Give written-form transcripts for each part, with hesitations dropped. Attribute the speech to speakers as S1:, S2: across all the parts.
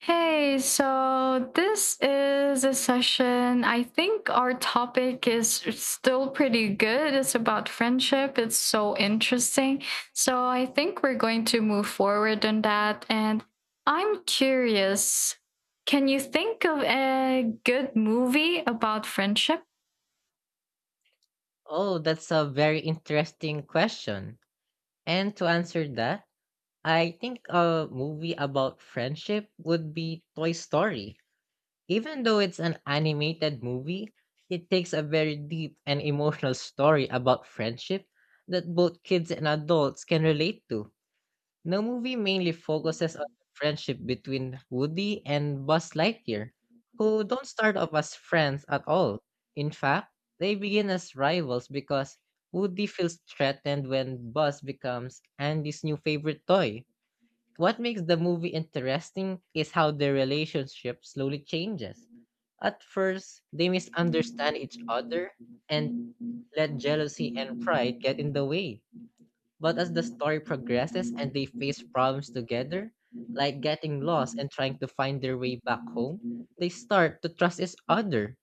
S1: Hey, so this is a session. I think our topic is still pretty good. It's about friendship. It's so interesting. So I think we're going to move forward on that. And I'm curious, can you think of a good movie about friendship?
S2: Oh, that's a very interesting question. And to answer that, I think a movie about friendship would be Toy Story. Even though it's an animated movie, it takes a very deep and emotional story about friendship that both kids and adults can relate to. The movie mainly focuses on the friendship between Woody and Buzz Lightyear, who don't start off as friends at all. In fact, they begin as rivals because Woody feels threatened when Buzz becomes Andy's new favorite toy. What makes the movie interesting is how their relationship slowly changes. At first, they misunderstand each other and let jealousy and pride get in the way, but as the story progresses and they face problems together, like getting lost and trying to find their way back home, they start to trust each other.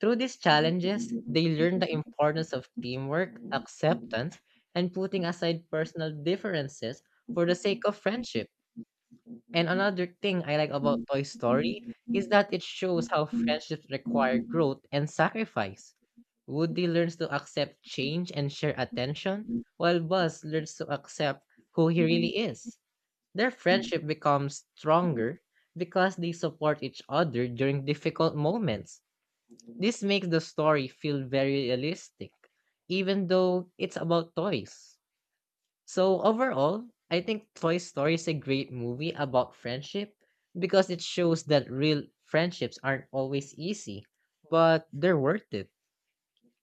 S2: Through these challenges, they learn the importance of teamwork, acceptance, and putting aside personal differences for the sake of friendship. And another thing I like about Toy Story is that it shows how friendships require growth and sacrifice. Woody learns to accept change and share attention, while Buzz learns to accept who he really is. Their friendship becomes stronger because they support each other during difficult moments. This makes the story feel very realistic, even though it's about toys. So, overall, I think Toy Story is a great movie about friendship because it shows that real friendships aren't always easy, but they're worth it.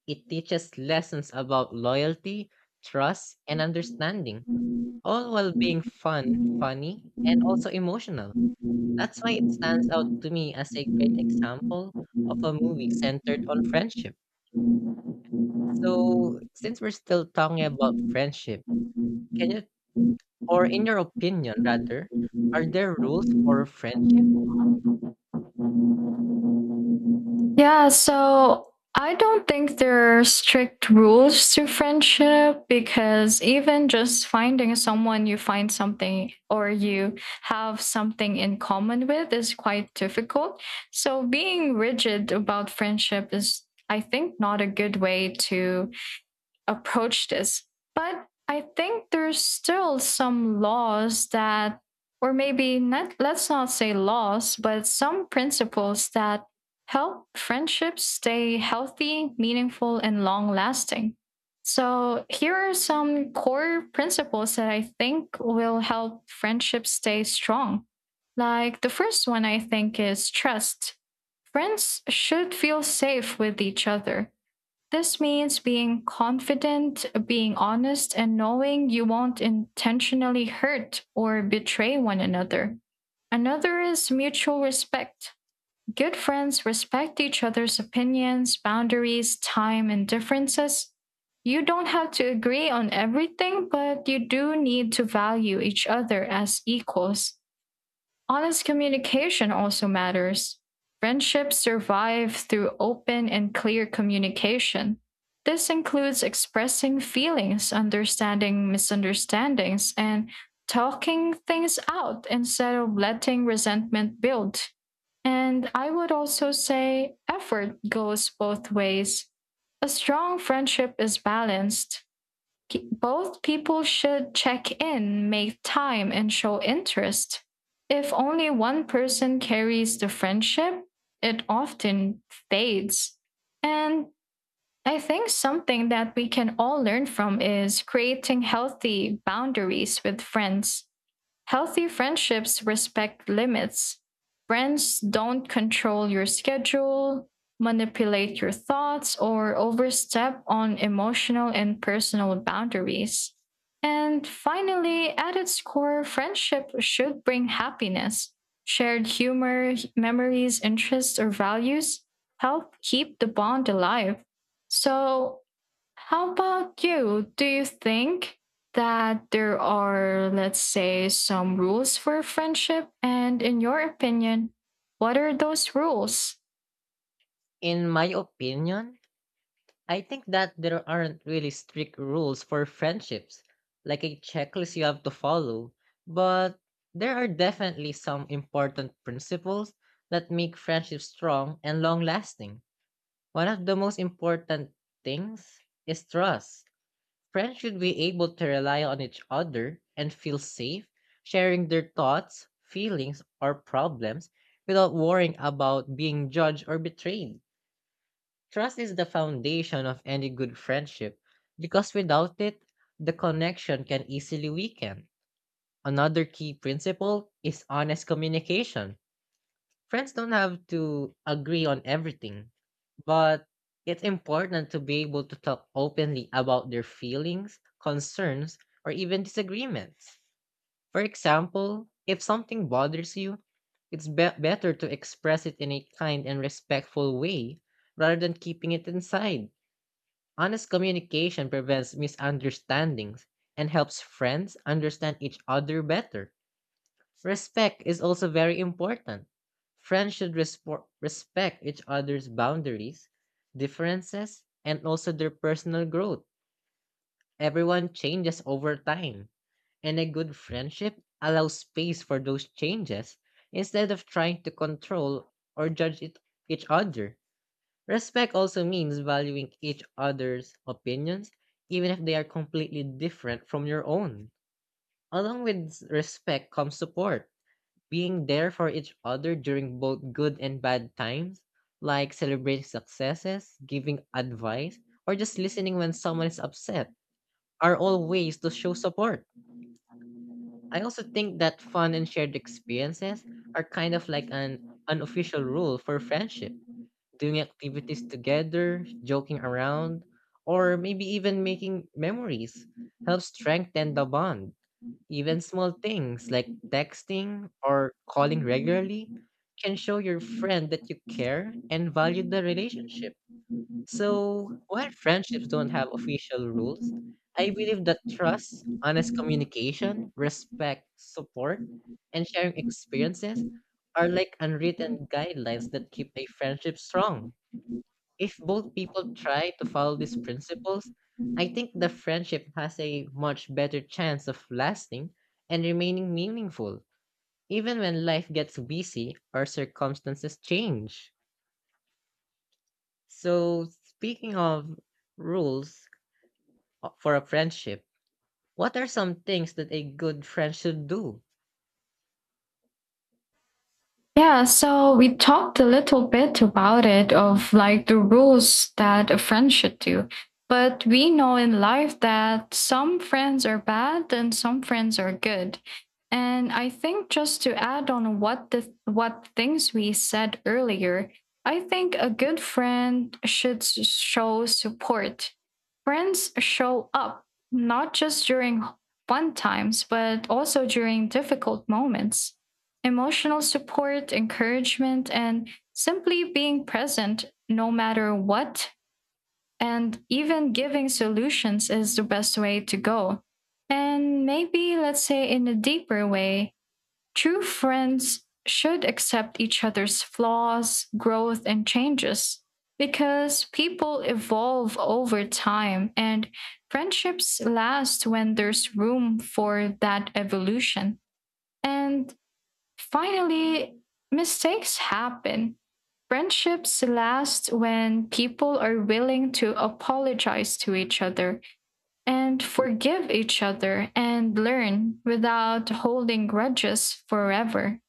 S2: It teaches lessons about loyalty, trust, and understanding, all while being fun, funny, and also emotional. That's why it stands out to me as a great example of a movie centered on friendship. So, since we're still talking about friendship, can you, or in your opinion rather, are there rules for friendship?
S1: Yeah, so I don't think there are strict rules to friendship because even just finding someone you find something or you have something in common with is quite difficult. So being rigid about friendship is, I think, not a good way to approach this. But I think there's still some laws that, or maybe not, let's not say laws, but some principles that help friendships stay healthy, meaningful, and long lasting. So, here are some core principles that I think will help friendships stay strong. Like the first one, I think, is trust. Friends should feel safe with each other. This means being confident, being honest, and knowing you won't intentionally hurt or betray one another. Another is mutual respect. Good friends respect each other's opinions, boundaries, time, and differences. You don't have to agree on everything, but you do need to value each other as equals. Honest communication also matters. Friendships survive through open and clear communication. This includes expressing feelings, understanding misunderstandings, and talking things out instead of letting resentment build. And I would also say effort goes both ways. A strong friendship is balanced. Both people should check in, make time, and show interest. If only one person carries the friendship, it often fades. And I think something that we can all learn from is creating healthy boundaries with friends. Healthy friendships respect limits. Friends don't control your schedule, manipulate your thoughts, or overstep on emotional and personal boundaries. And finally, at its core, friendship should bring happiness. Shared humor, memories, interests, or values help keep the bond alive. So, how about you? Do you think that there are, let's say, some rules for friendship? And in your opinion, what are those rules?
S2: In my opinion, I think that there aren't really strict rules for friendships, like a checklist you have to follow, but there are definitely some important principles that make friendships strong and long lasting. One of the most important things is trust. Friends should be able to rely on each other and feel safe sharing their thoughts, feelings, or problems without worrying about being judged or betrayed. Trust is the foundation of any good friendship because without it, the connection can easily weaken. Another key principle is honest communication. Friends don't have to agree on everything, but it's important to be able to talk openly about their feelings, concerns, or even disagreements. For example, if something bothers you, it's better to express it in a kind and respectful way rather than keeping it inside. Honest communication prevents misunderstandings and helps friends understand each other better. Respect is also very important. Friends should respect each other's boundaries, differences, and also their personal growth. Everyone changes over time, and a good friendship allows space for those changes instead of trying to control or judge it, each other. Respect also means valuing each other's opinions, even if they are completely different from your own. Along with respect comes support, being there for each other during both good and bad times, like celebrating successes, giving advice, or just listening when someone is upset, are all ways to show support. I also think that fun and shared experiences are kind of like an unofficial rule for friendship, doing activities together, joking around, or maybe even making memories helps strengthen the bond. Even small things like texting or calling regularly can show your friend that you care and value the relationship. So, while friendships don't have official rules, I believe that trust, honest communication, respect, support, and sharing experiences are like unwritten guidelines that keep a friendship strong. If both people try to follow these principles, I think the friendship has a much better chance of lasting and remaining meaningful, even when life gets busy or circumstances change. So, speaking of rules for a friendship, what are some things that a good friend should do?
S1: Yeah, so we talked a little bit about it of like the rules that a friend should do. But we know in life that some friends are bad and some friends are good. And I think just to add on what things we said earlier, I think a good friend should show support. Friends show up not just during fun times, but also during difficult moments. Emotional support, encouragement, and simply being present no matter what, and even giving solutions is the best way to go. And maybe, let's say, in a deeper way, true friends should accept each other's flaws, growth, and changes because people evolve over time and friendships last when there's room for that evolution. And finally, mistakes happen. Friendships last when people are willing to apologize to each other and forgive each other and learn without holding grudges forever.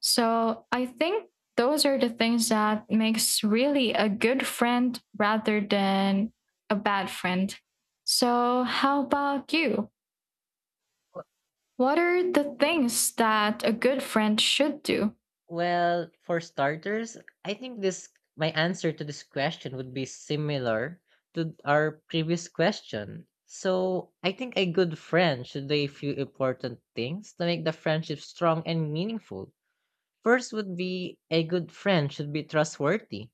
S1: So I think those are the things that makes really a good friend rather than a bad friend. So how about you? What are the things that a good friend should do?
S2: Well, for starters, I think this my answer to this question would be similar to our previous question. So, I think a good friend should do a few important things to make the friendship strong and meaningful. First would be, a good friend should be trustworthy.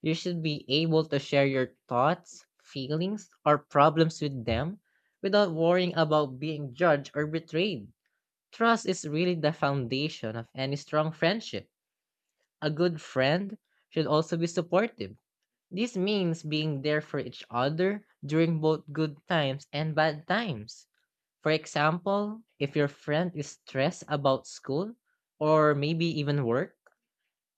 S2: You should be able to share your thoughts, feelings, or problems with them without worrying about being judged or betrayed. Trust is really the foundation of any strong friendship. A good friend should also be supportive. This means being there for each other during both good times and bad times. For example, if your friend is stressed about school or maybe even work,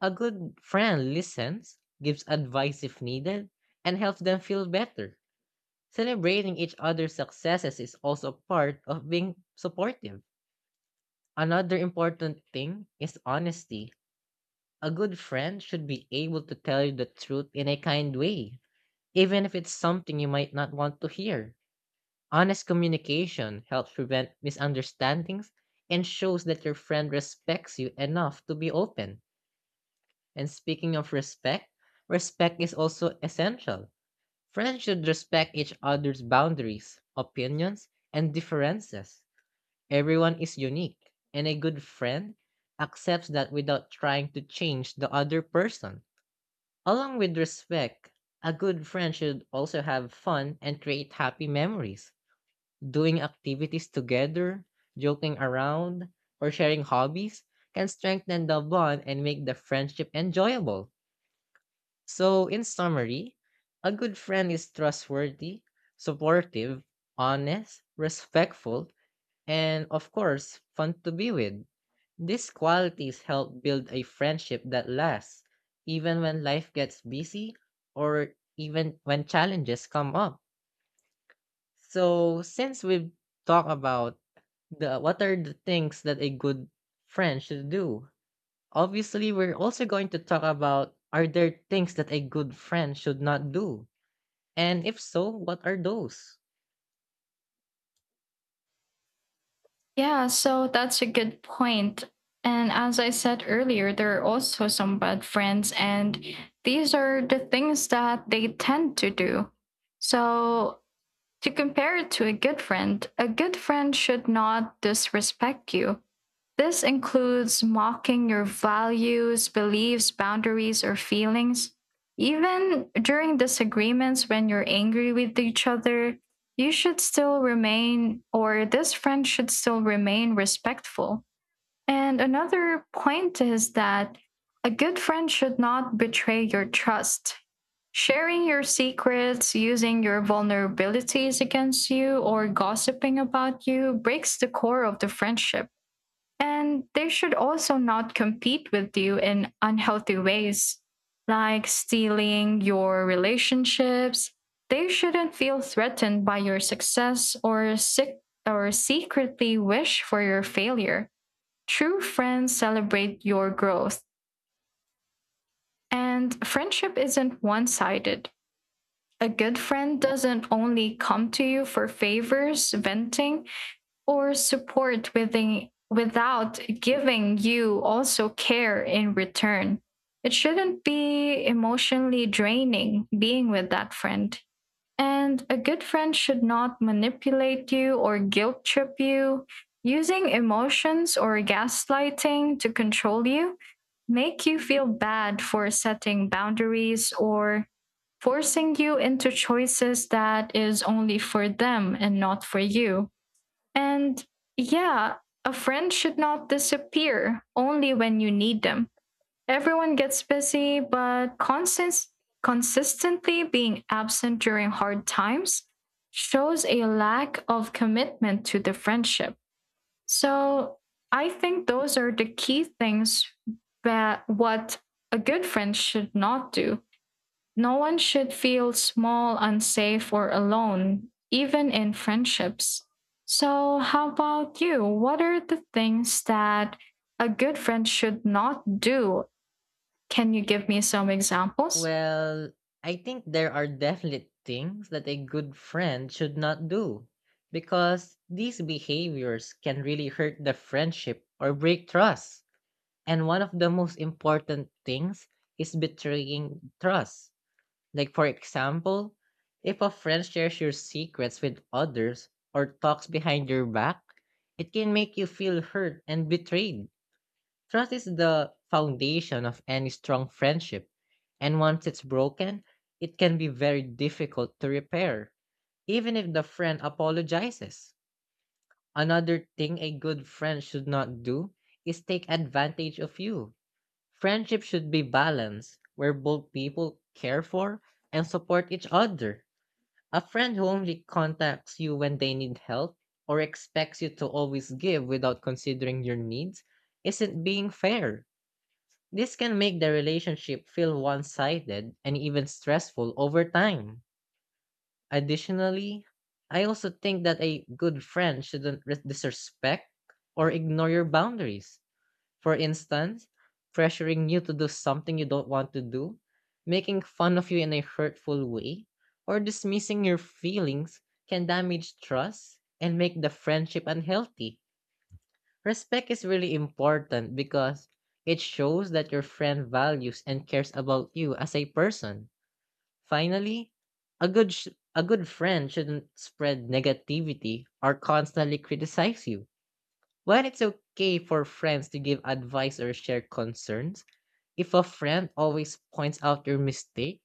S2: a good friend listens, gives advice if needed, and helps them feel better. Celebrating each other's successes is also part of being supportive. Another important thing is honesty. A good friend should be able to tell you the truth in a kind way, even if it's something you might not want to hear. Honest communication helps prevent misunderstandings and shows that your friend respects you enough to be open. And speaking of respect, respect is also essential. Friends should respect each other's boundaries, opinions, and differences. Everyone is unique, and a good friend accepts that without trying to change the other person. Along with respect, a good friend should also have fun and create happy memories. Doing activities together, joking around, or sharing hobbies can strengthen the bond and make the friendship enjoyable. So, in summary, a good friend is trustworthy, supportive, honest, respectful, and of course, fun to be with. These qualities help build a friendship that lasts, even when life gets busy or even when challenges come up. So, since we've talked about the what are the things that a good friend should do, obviously we're also going to talk about, are there things that a good friend should not do? And if so, what are those?
S1: Yeah, so that's a good point. And as I said earlier, there are also some bad friends, and these are the things that they tend to do. So to compare it to a good friend should not disrespect you. This includes mocking your values, beliefs, boundaries, or feelings. Even during disagreements when you're angry with each other, you should still remain, or this friend should still remain respectful. And another point is that a good friend should not betray your trust. Sharing your secrets, using your vulnerabilities against you, or gossiping about you breaks the core of the friendship. And they should also not compete with you in unhealthy ways, like stealing your relationships. They shouldn't feel threatened by your success or sick or secretly wish for your failure. True friends celebrate your growth, and friendship isn't one sided. A good friend doesn't only come to you for favors, venting, or support within, without giving you also care in return. It shouldn't be emotionally draining being with that friend. And a good friend should not manipulate you or guilt trip you, using emotions or gaslighting to control you, make you feel bad for setting boundaries or forcing you into choices that is only for them and not for you. And yeah, a friend should not disappear only when you need them. Everyone gets busy, but consistently being absent during hard times shows a lack of commitment to the friendship. So I think those are the key things that what a good friend should not do. No one should feel small, unsafe, or alone, even in friendships. So, how about you? What are the things that a good friend should not do? Can you give me some examples?
S2: Well, I think there are definite things that a good friend should not do because these behaviors can really hurt the friendship or break trust. And one of the most important things is betraying trust. Like, for example, if a friend shares your secrets with others or talks behind your back, it can make you feel hurt and betrayed. Trust is the foundation of any strong friendship, and once it's broken, it can be very difficult to repair, even if the friend apologizes. Another thing a good friend should not do is take advantage of you. Friendship should be balanced, where both people care for and support each other. A friend who only contacts you when they need help or expects you to always give without considering your needs isn't being fair. This can make the relationship feel one sided and even stressful over time. Additionally, I also think that a good friend shouldn't disrespect or ignore your boundaries. For instance, pressuring you to do something you don't want to do, making fun of you in a hurtful way, or dismissing your feelings can damage trust and make the friendship unhealthy. Respect is really important because it shows that your friend values and cares about you as a person. Finally, a good friend shouldn't spread negativity or constantly criticize you. While it's okay for friends to give advice or share concerns, if a friend always points out your mistake,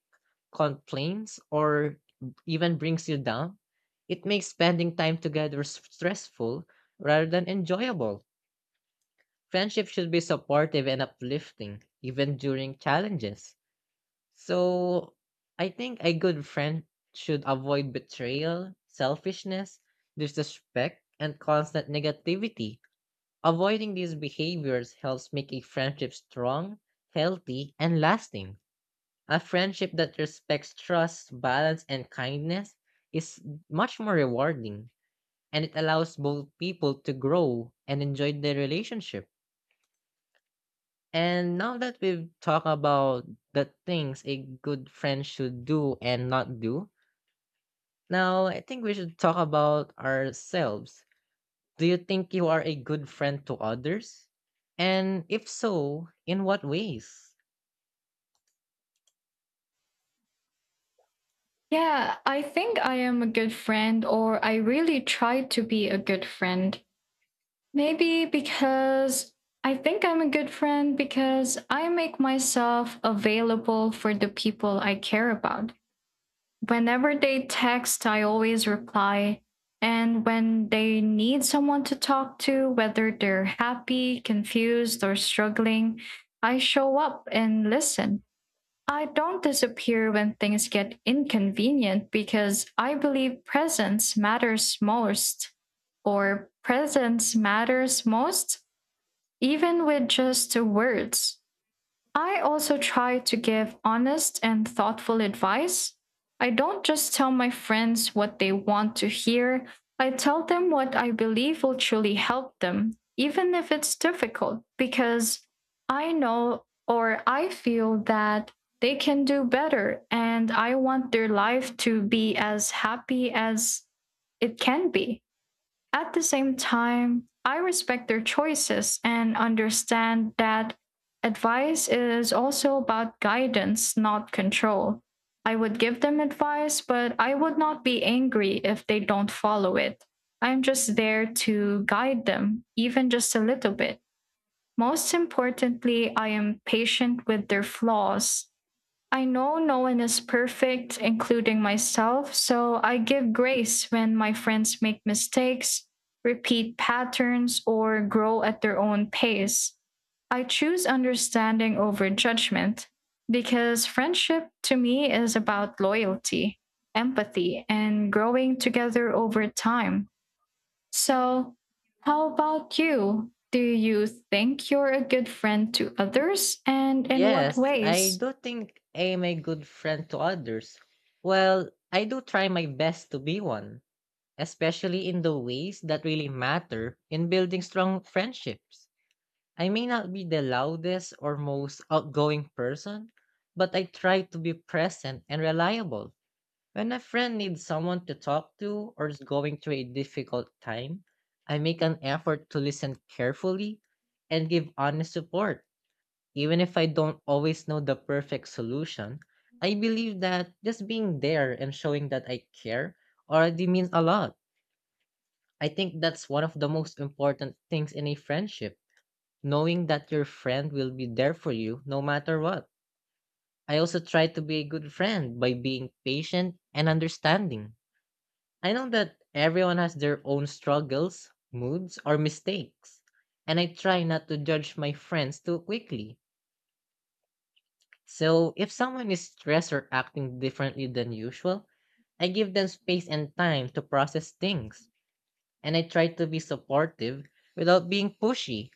S2: complains, or even brings you down, it makes spending time together stressful rather than enjoyable. Friendship should be supportive and uplifting, even during challenges. So, I think a good friend should avoid betrayal, selfishness, disrespect, and constant negativity. Avoiding these behaviors helps make a friendship strong, healthy, and lasting. A friendship that respects trust, balance, and kindness is much more rewarding, and it allows both people to grow and enjoy their relationship. And now that we've talked about the things a good friend should do and not do, now I think we should talk about ourselves. Do you think you are a good friend to others? And if so, in what ways?
S1: Yeah, I think I am a good friend, or I really try to be a good friend. Maybe because I think I'm a good friend because I make myself available for the people I care about. Whenever they text, I always reply. And when they need someone to talk to, whether they're happy, confused, or struggling, I show up and listen. I don't disappear when things get inconvenient because I believe presence matters most or presence matters most even with just the words. I also try to give honest and thoughtful advice. I don't just tell my friends what they want to hear, I tell them what I believe will truly help them, even if it's difficult, because I know or I feel that they can do better and I want their life to be as happy as it can be. At the same time, I respect their choices and understand that advice is also about guidance, not control. I would give them advice, but I would not be angry if they don't follow it. I'm just there to guide them, even just a little bit. Most importantly, I am patient with their flaws. I know no one is perfect, including myself, so I give grace when my friends make mistakes, repeat patterns, or grow at their own pace. I choose understanding over judgment because friendship to me is about loyalty, empathy, and growing together over time. So, how about you? Do you think you're a good friend to others and in what
S2: Yes, I
S1: ways?
S2: do think I am a good friend to others. Well, I do try my best to be one, especially in the ways that really matter in building strong friendships. I may not be the loudest or most outgoing person, but I try to be present and reliable. When a friend needs someone to talk to or is going through a difficult time, I make an effort to listen carefully and give honest support. Even if I don't always know the perfect solution, I believe that just being there and showing that I care already means a lot. I think that's one of the most important things in a friendship, knowing that your friend will be there for you no matter what. I also try to be a good friend by being patient and understanding. I know that everyone has their own struggles, moods, or mistakes, and I try not to judge my friends too quickly. So, if someone is stressed or acting differently than usual, I give them space and time to process things, and I try to be supportive without being pushy.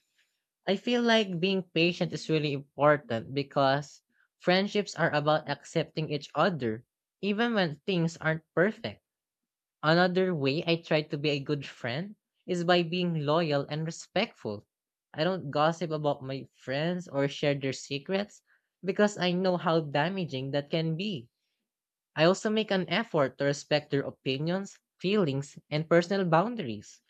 S2: I feel like being patient is really important because friendships are about accepting each other, even when things aren't perfect. Another way I try to be a good friend is by being loyal and respectful. I don't gossip about my friends or share their secrets because I know how damaging that can be. I also make an effort to respect their opinions, feelings, and personal boundaries.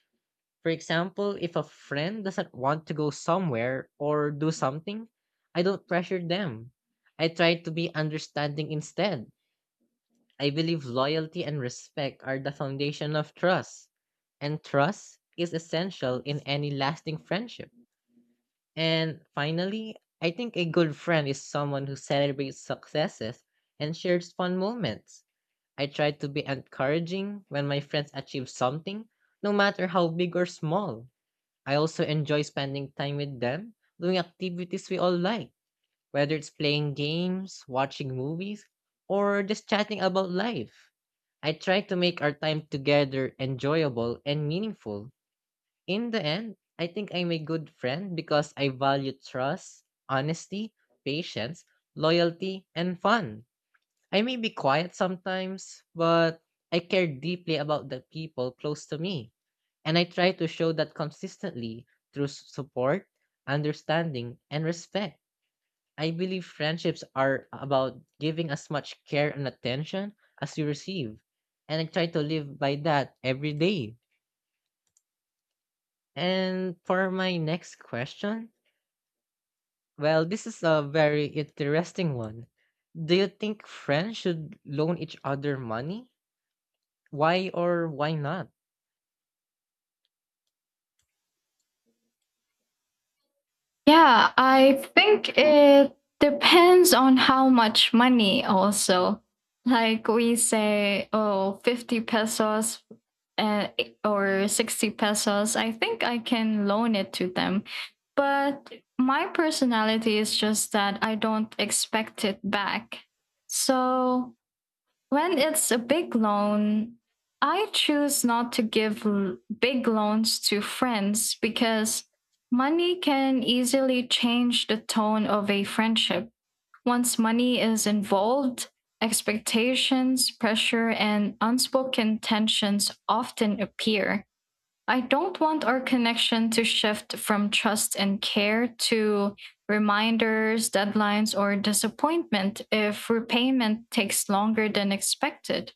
S2: For example, if a friend doesn't want to go somewhere or do something, I don't pressure them. I try to be understanding instead. I believe loyalty and respect are the foundation of trust, and trust is essential in any lasting friendship. And finally, I think a good friend is someone who celebrates successes and shares fun moments. I try to be encouraging when my friends achieve something, no matter how big or small. I also enjoy spending time with them, doing activities we all like, whether it's playing games, watching movies, or just chatting about life. I try to make our time together enjoyable and meaningful. In the end, I think I'm a good friend because I value trust, honesty, patience, loyalty, and fun. I may be quiet sometimes, but I care deeply about the people close to me. And I try to show that consistently through support, understanding, and respect. I believe friendships are about giving as much care and attention as you receive. And I try to live by that every day. And for my next question, well, this is a very interesting one. Do you think friends should loan each other money? Why or why not?
S1: Yeah, I think it depends on how much money also. Like we say, oh, 50 pesos uh, or 60 pesos. I think I can loan it to them. But my personality is just that I don't expect it back. So when it's a big loan, I choose not to give big loans to friends because money can easily change the tone of a friendship. Once money is involved, expectations, pressure, and unspoken tensions often appear. I don't want our connection to shift from trust and care to reminders, deadlines, or disappointment if repayment takes longer than expected.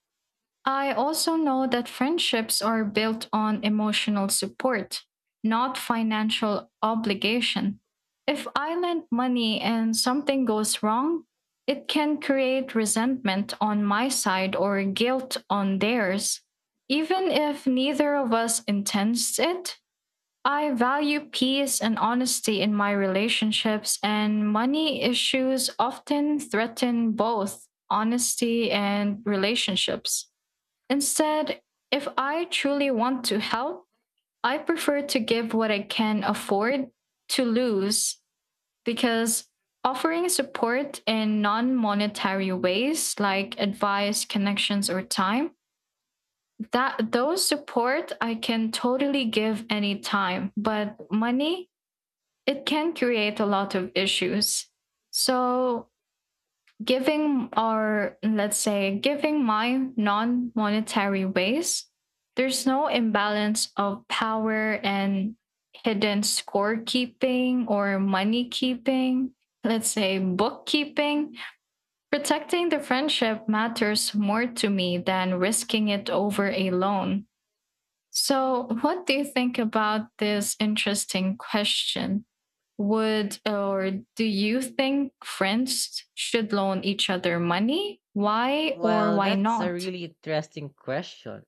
S1: I also know that friendships are built on emotional support, not financial obligation. If I lend money and something goes wrong, it can create resentment on my side or guilt on theirs. Even if neither of us intends it, I value peace and honesty in my relationships, and money issues often threaten both honesty and relationships. Instead, if I truly want to help, I prefer to give what I can afford to lose, because offering support in non-monetary ways like advice, connections or time, that those support I can totally give any time, but money, it can create a lot of issues. So, giving, or let's say giving my non-monetary ways, there's no imbalance of power and hidden scorekeeping or money keeping, let's say bookkeeping. Protecting the friendship matters more to me than risking it over a loan. So, what do you think about this interesting question? Would or do you think friends should loan each other money? Why or
S2: Well,
S1: why
S2: that's a
S1: not?
S2: really interesting question.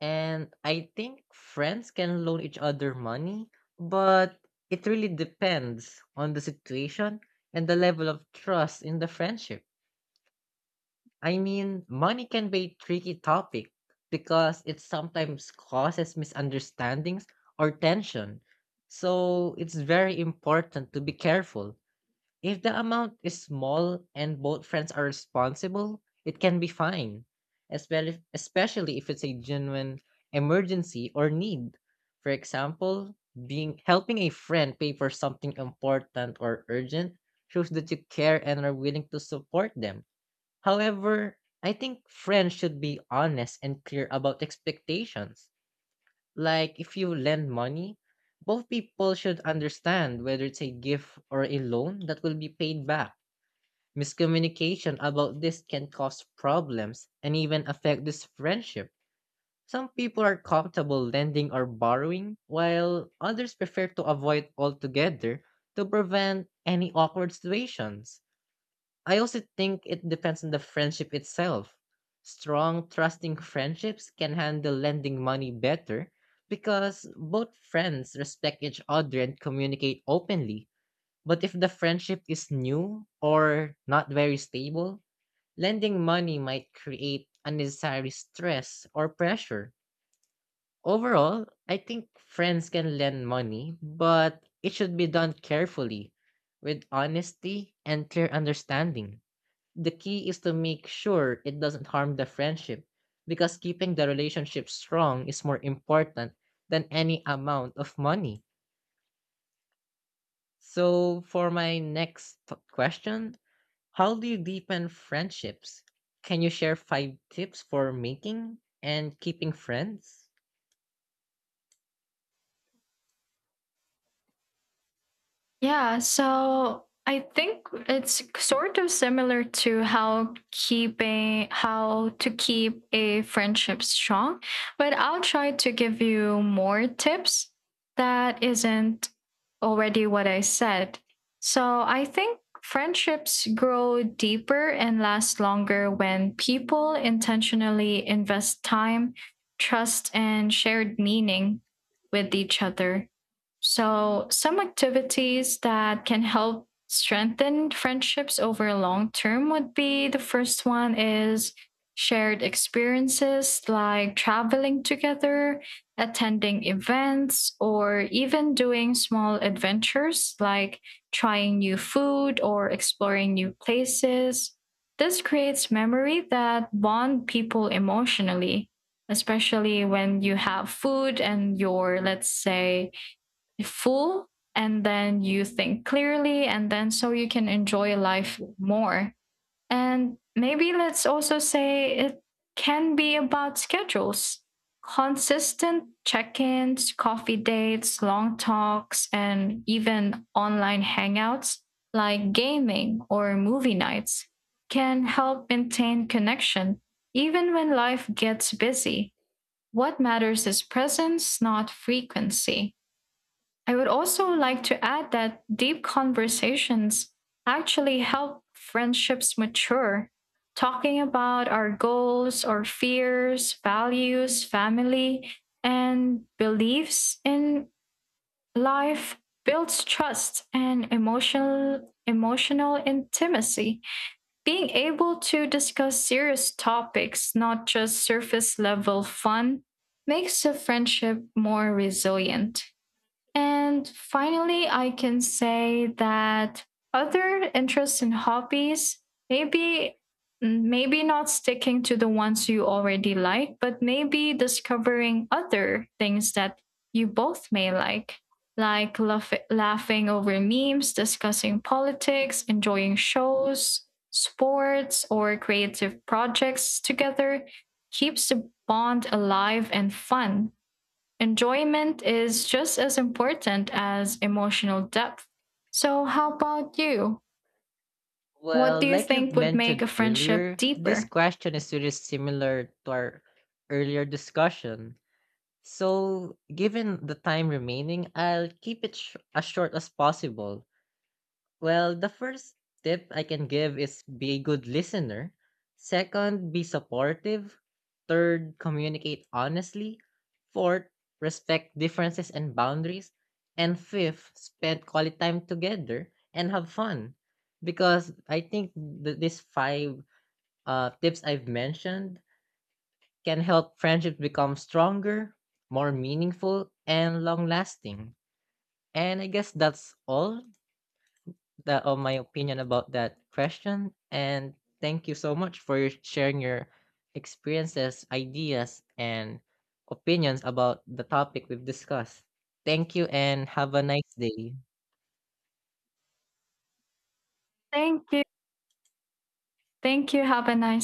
S2: And I think friends can loan each other money, but it really depends on the situation and the level of trust in the friendship. I mean, money can be a tricky topic because it sometimes causes misunderstandings or tension. So it's very important to be careful. If the amount is small and both friends are responsible, it can be fine, especially if it's a genuine emergency or need. For example, being helping a friend pay for something important or urgent shows that you care and are willing to support them. However, I think friends should be honest and clear about expectations. Like, if you lend money, both people should understand whether it's a gift or a loan that will be paid back. Miscommunication about this can cause problems and even affect this friendship. Some people are comfortable lending or borrowing, while others prefer to avoid altogether to prevent any awkward situations. I also think it depends on the friendship itself. Strong, trusting friendships can handle lending money better because both friends respect each other and communicate openly. But if the friendship is new or not very stable, lending money might create unnecessary stress or pressure. Overall, I think friends can lend money, but it should be done carefully with honesty and clear understanding. The key is to make sure it doesn't harm the friendship because keeping the relationship strong is more important than any amount of money. So, for my next question, how do you deepen friendships? Can you share 5 tips for making and keeping friends?
S1: Yeah, so I think it's sort of similar to how to keep a friendship strong, but I'll try to give you more tips that isn't already what I said. So I think friendships grow deeper and last longer when people intentionally invest time, trust and shared meaning with each other. So, some activities that can help strengthen friendships over long term would be, the first one is shared experiences like traveling together, attending events, or even doing small adventures like trying new food or exploring new places. This creates memory that bond people emotionally, especially when you have food and your, let's say, full, and then you think clearly and then so you can enjoy life more. And maybe let's also say it can be about schedules. Consistent check-ins, coffee dates, long talks, and even online hangouts like gaming or movie nights can help maintain connection even when life gets busy. What matters is presence, not frequency. I would also like to add that deep conversations actually help friendships mature. Talking about our goals, our fears, values, family, and beliefs in life builds trust and emotional intimacy. Being able to discuss serious topics, not just surface level fun, makes a friendship more resilient. And finally, I can say that other interests and hobbies, maybe maybe not sticking to the ones you already like, but maybe discovering other things that you both may like laughing over memes, discussing politics, enjoying shows, sports, or creative projects together keeps the bond alive and fun. Enjoyment is just as important as emotional depth. So, how about you? What
S2: Well,
S1: do you
S2: like you've
S1: think would make a
S2: mentioned
S1: friendship
S2: earlier, this
S1: deeper?
S2: question is really similar to our earlier discussion. So, given the time remaining, I'll keep it as short as possible. Well, the first tip I can give is be a good listener. Second, be supportive. Third, communicate honestly. Fourth, respect differences and boundaries. And fifth, spend quality time together and have fun. Because I think these 5 tips I've mentioned can help friendships become stronger, more meaningful, and long lasting. And I guess that's all that of my opinion about that question. And thank you so much for your sharing your experiences, ideas, and opinions about the topic we've discussed. Thank you and have a nice day.
S1: Thank you. Thank you. Have a nice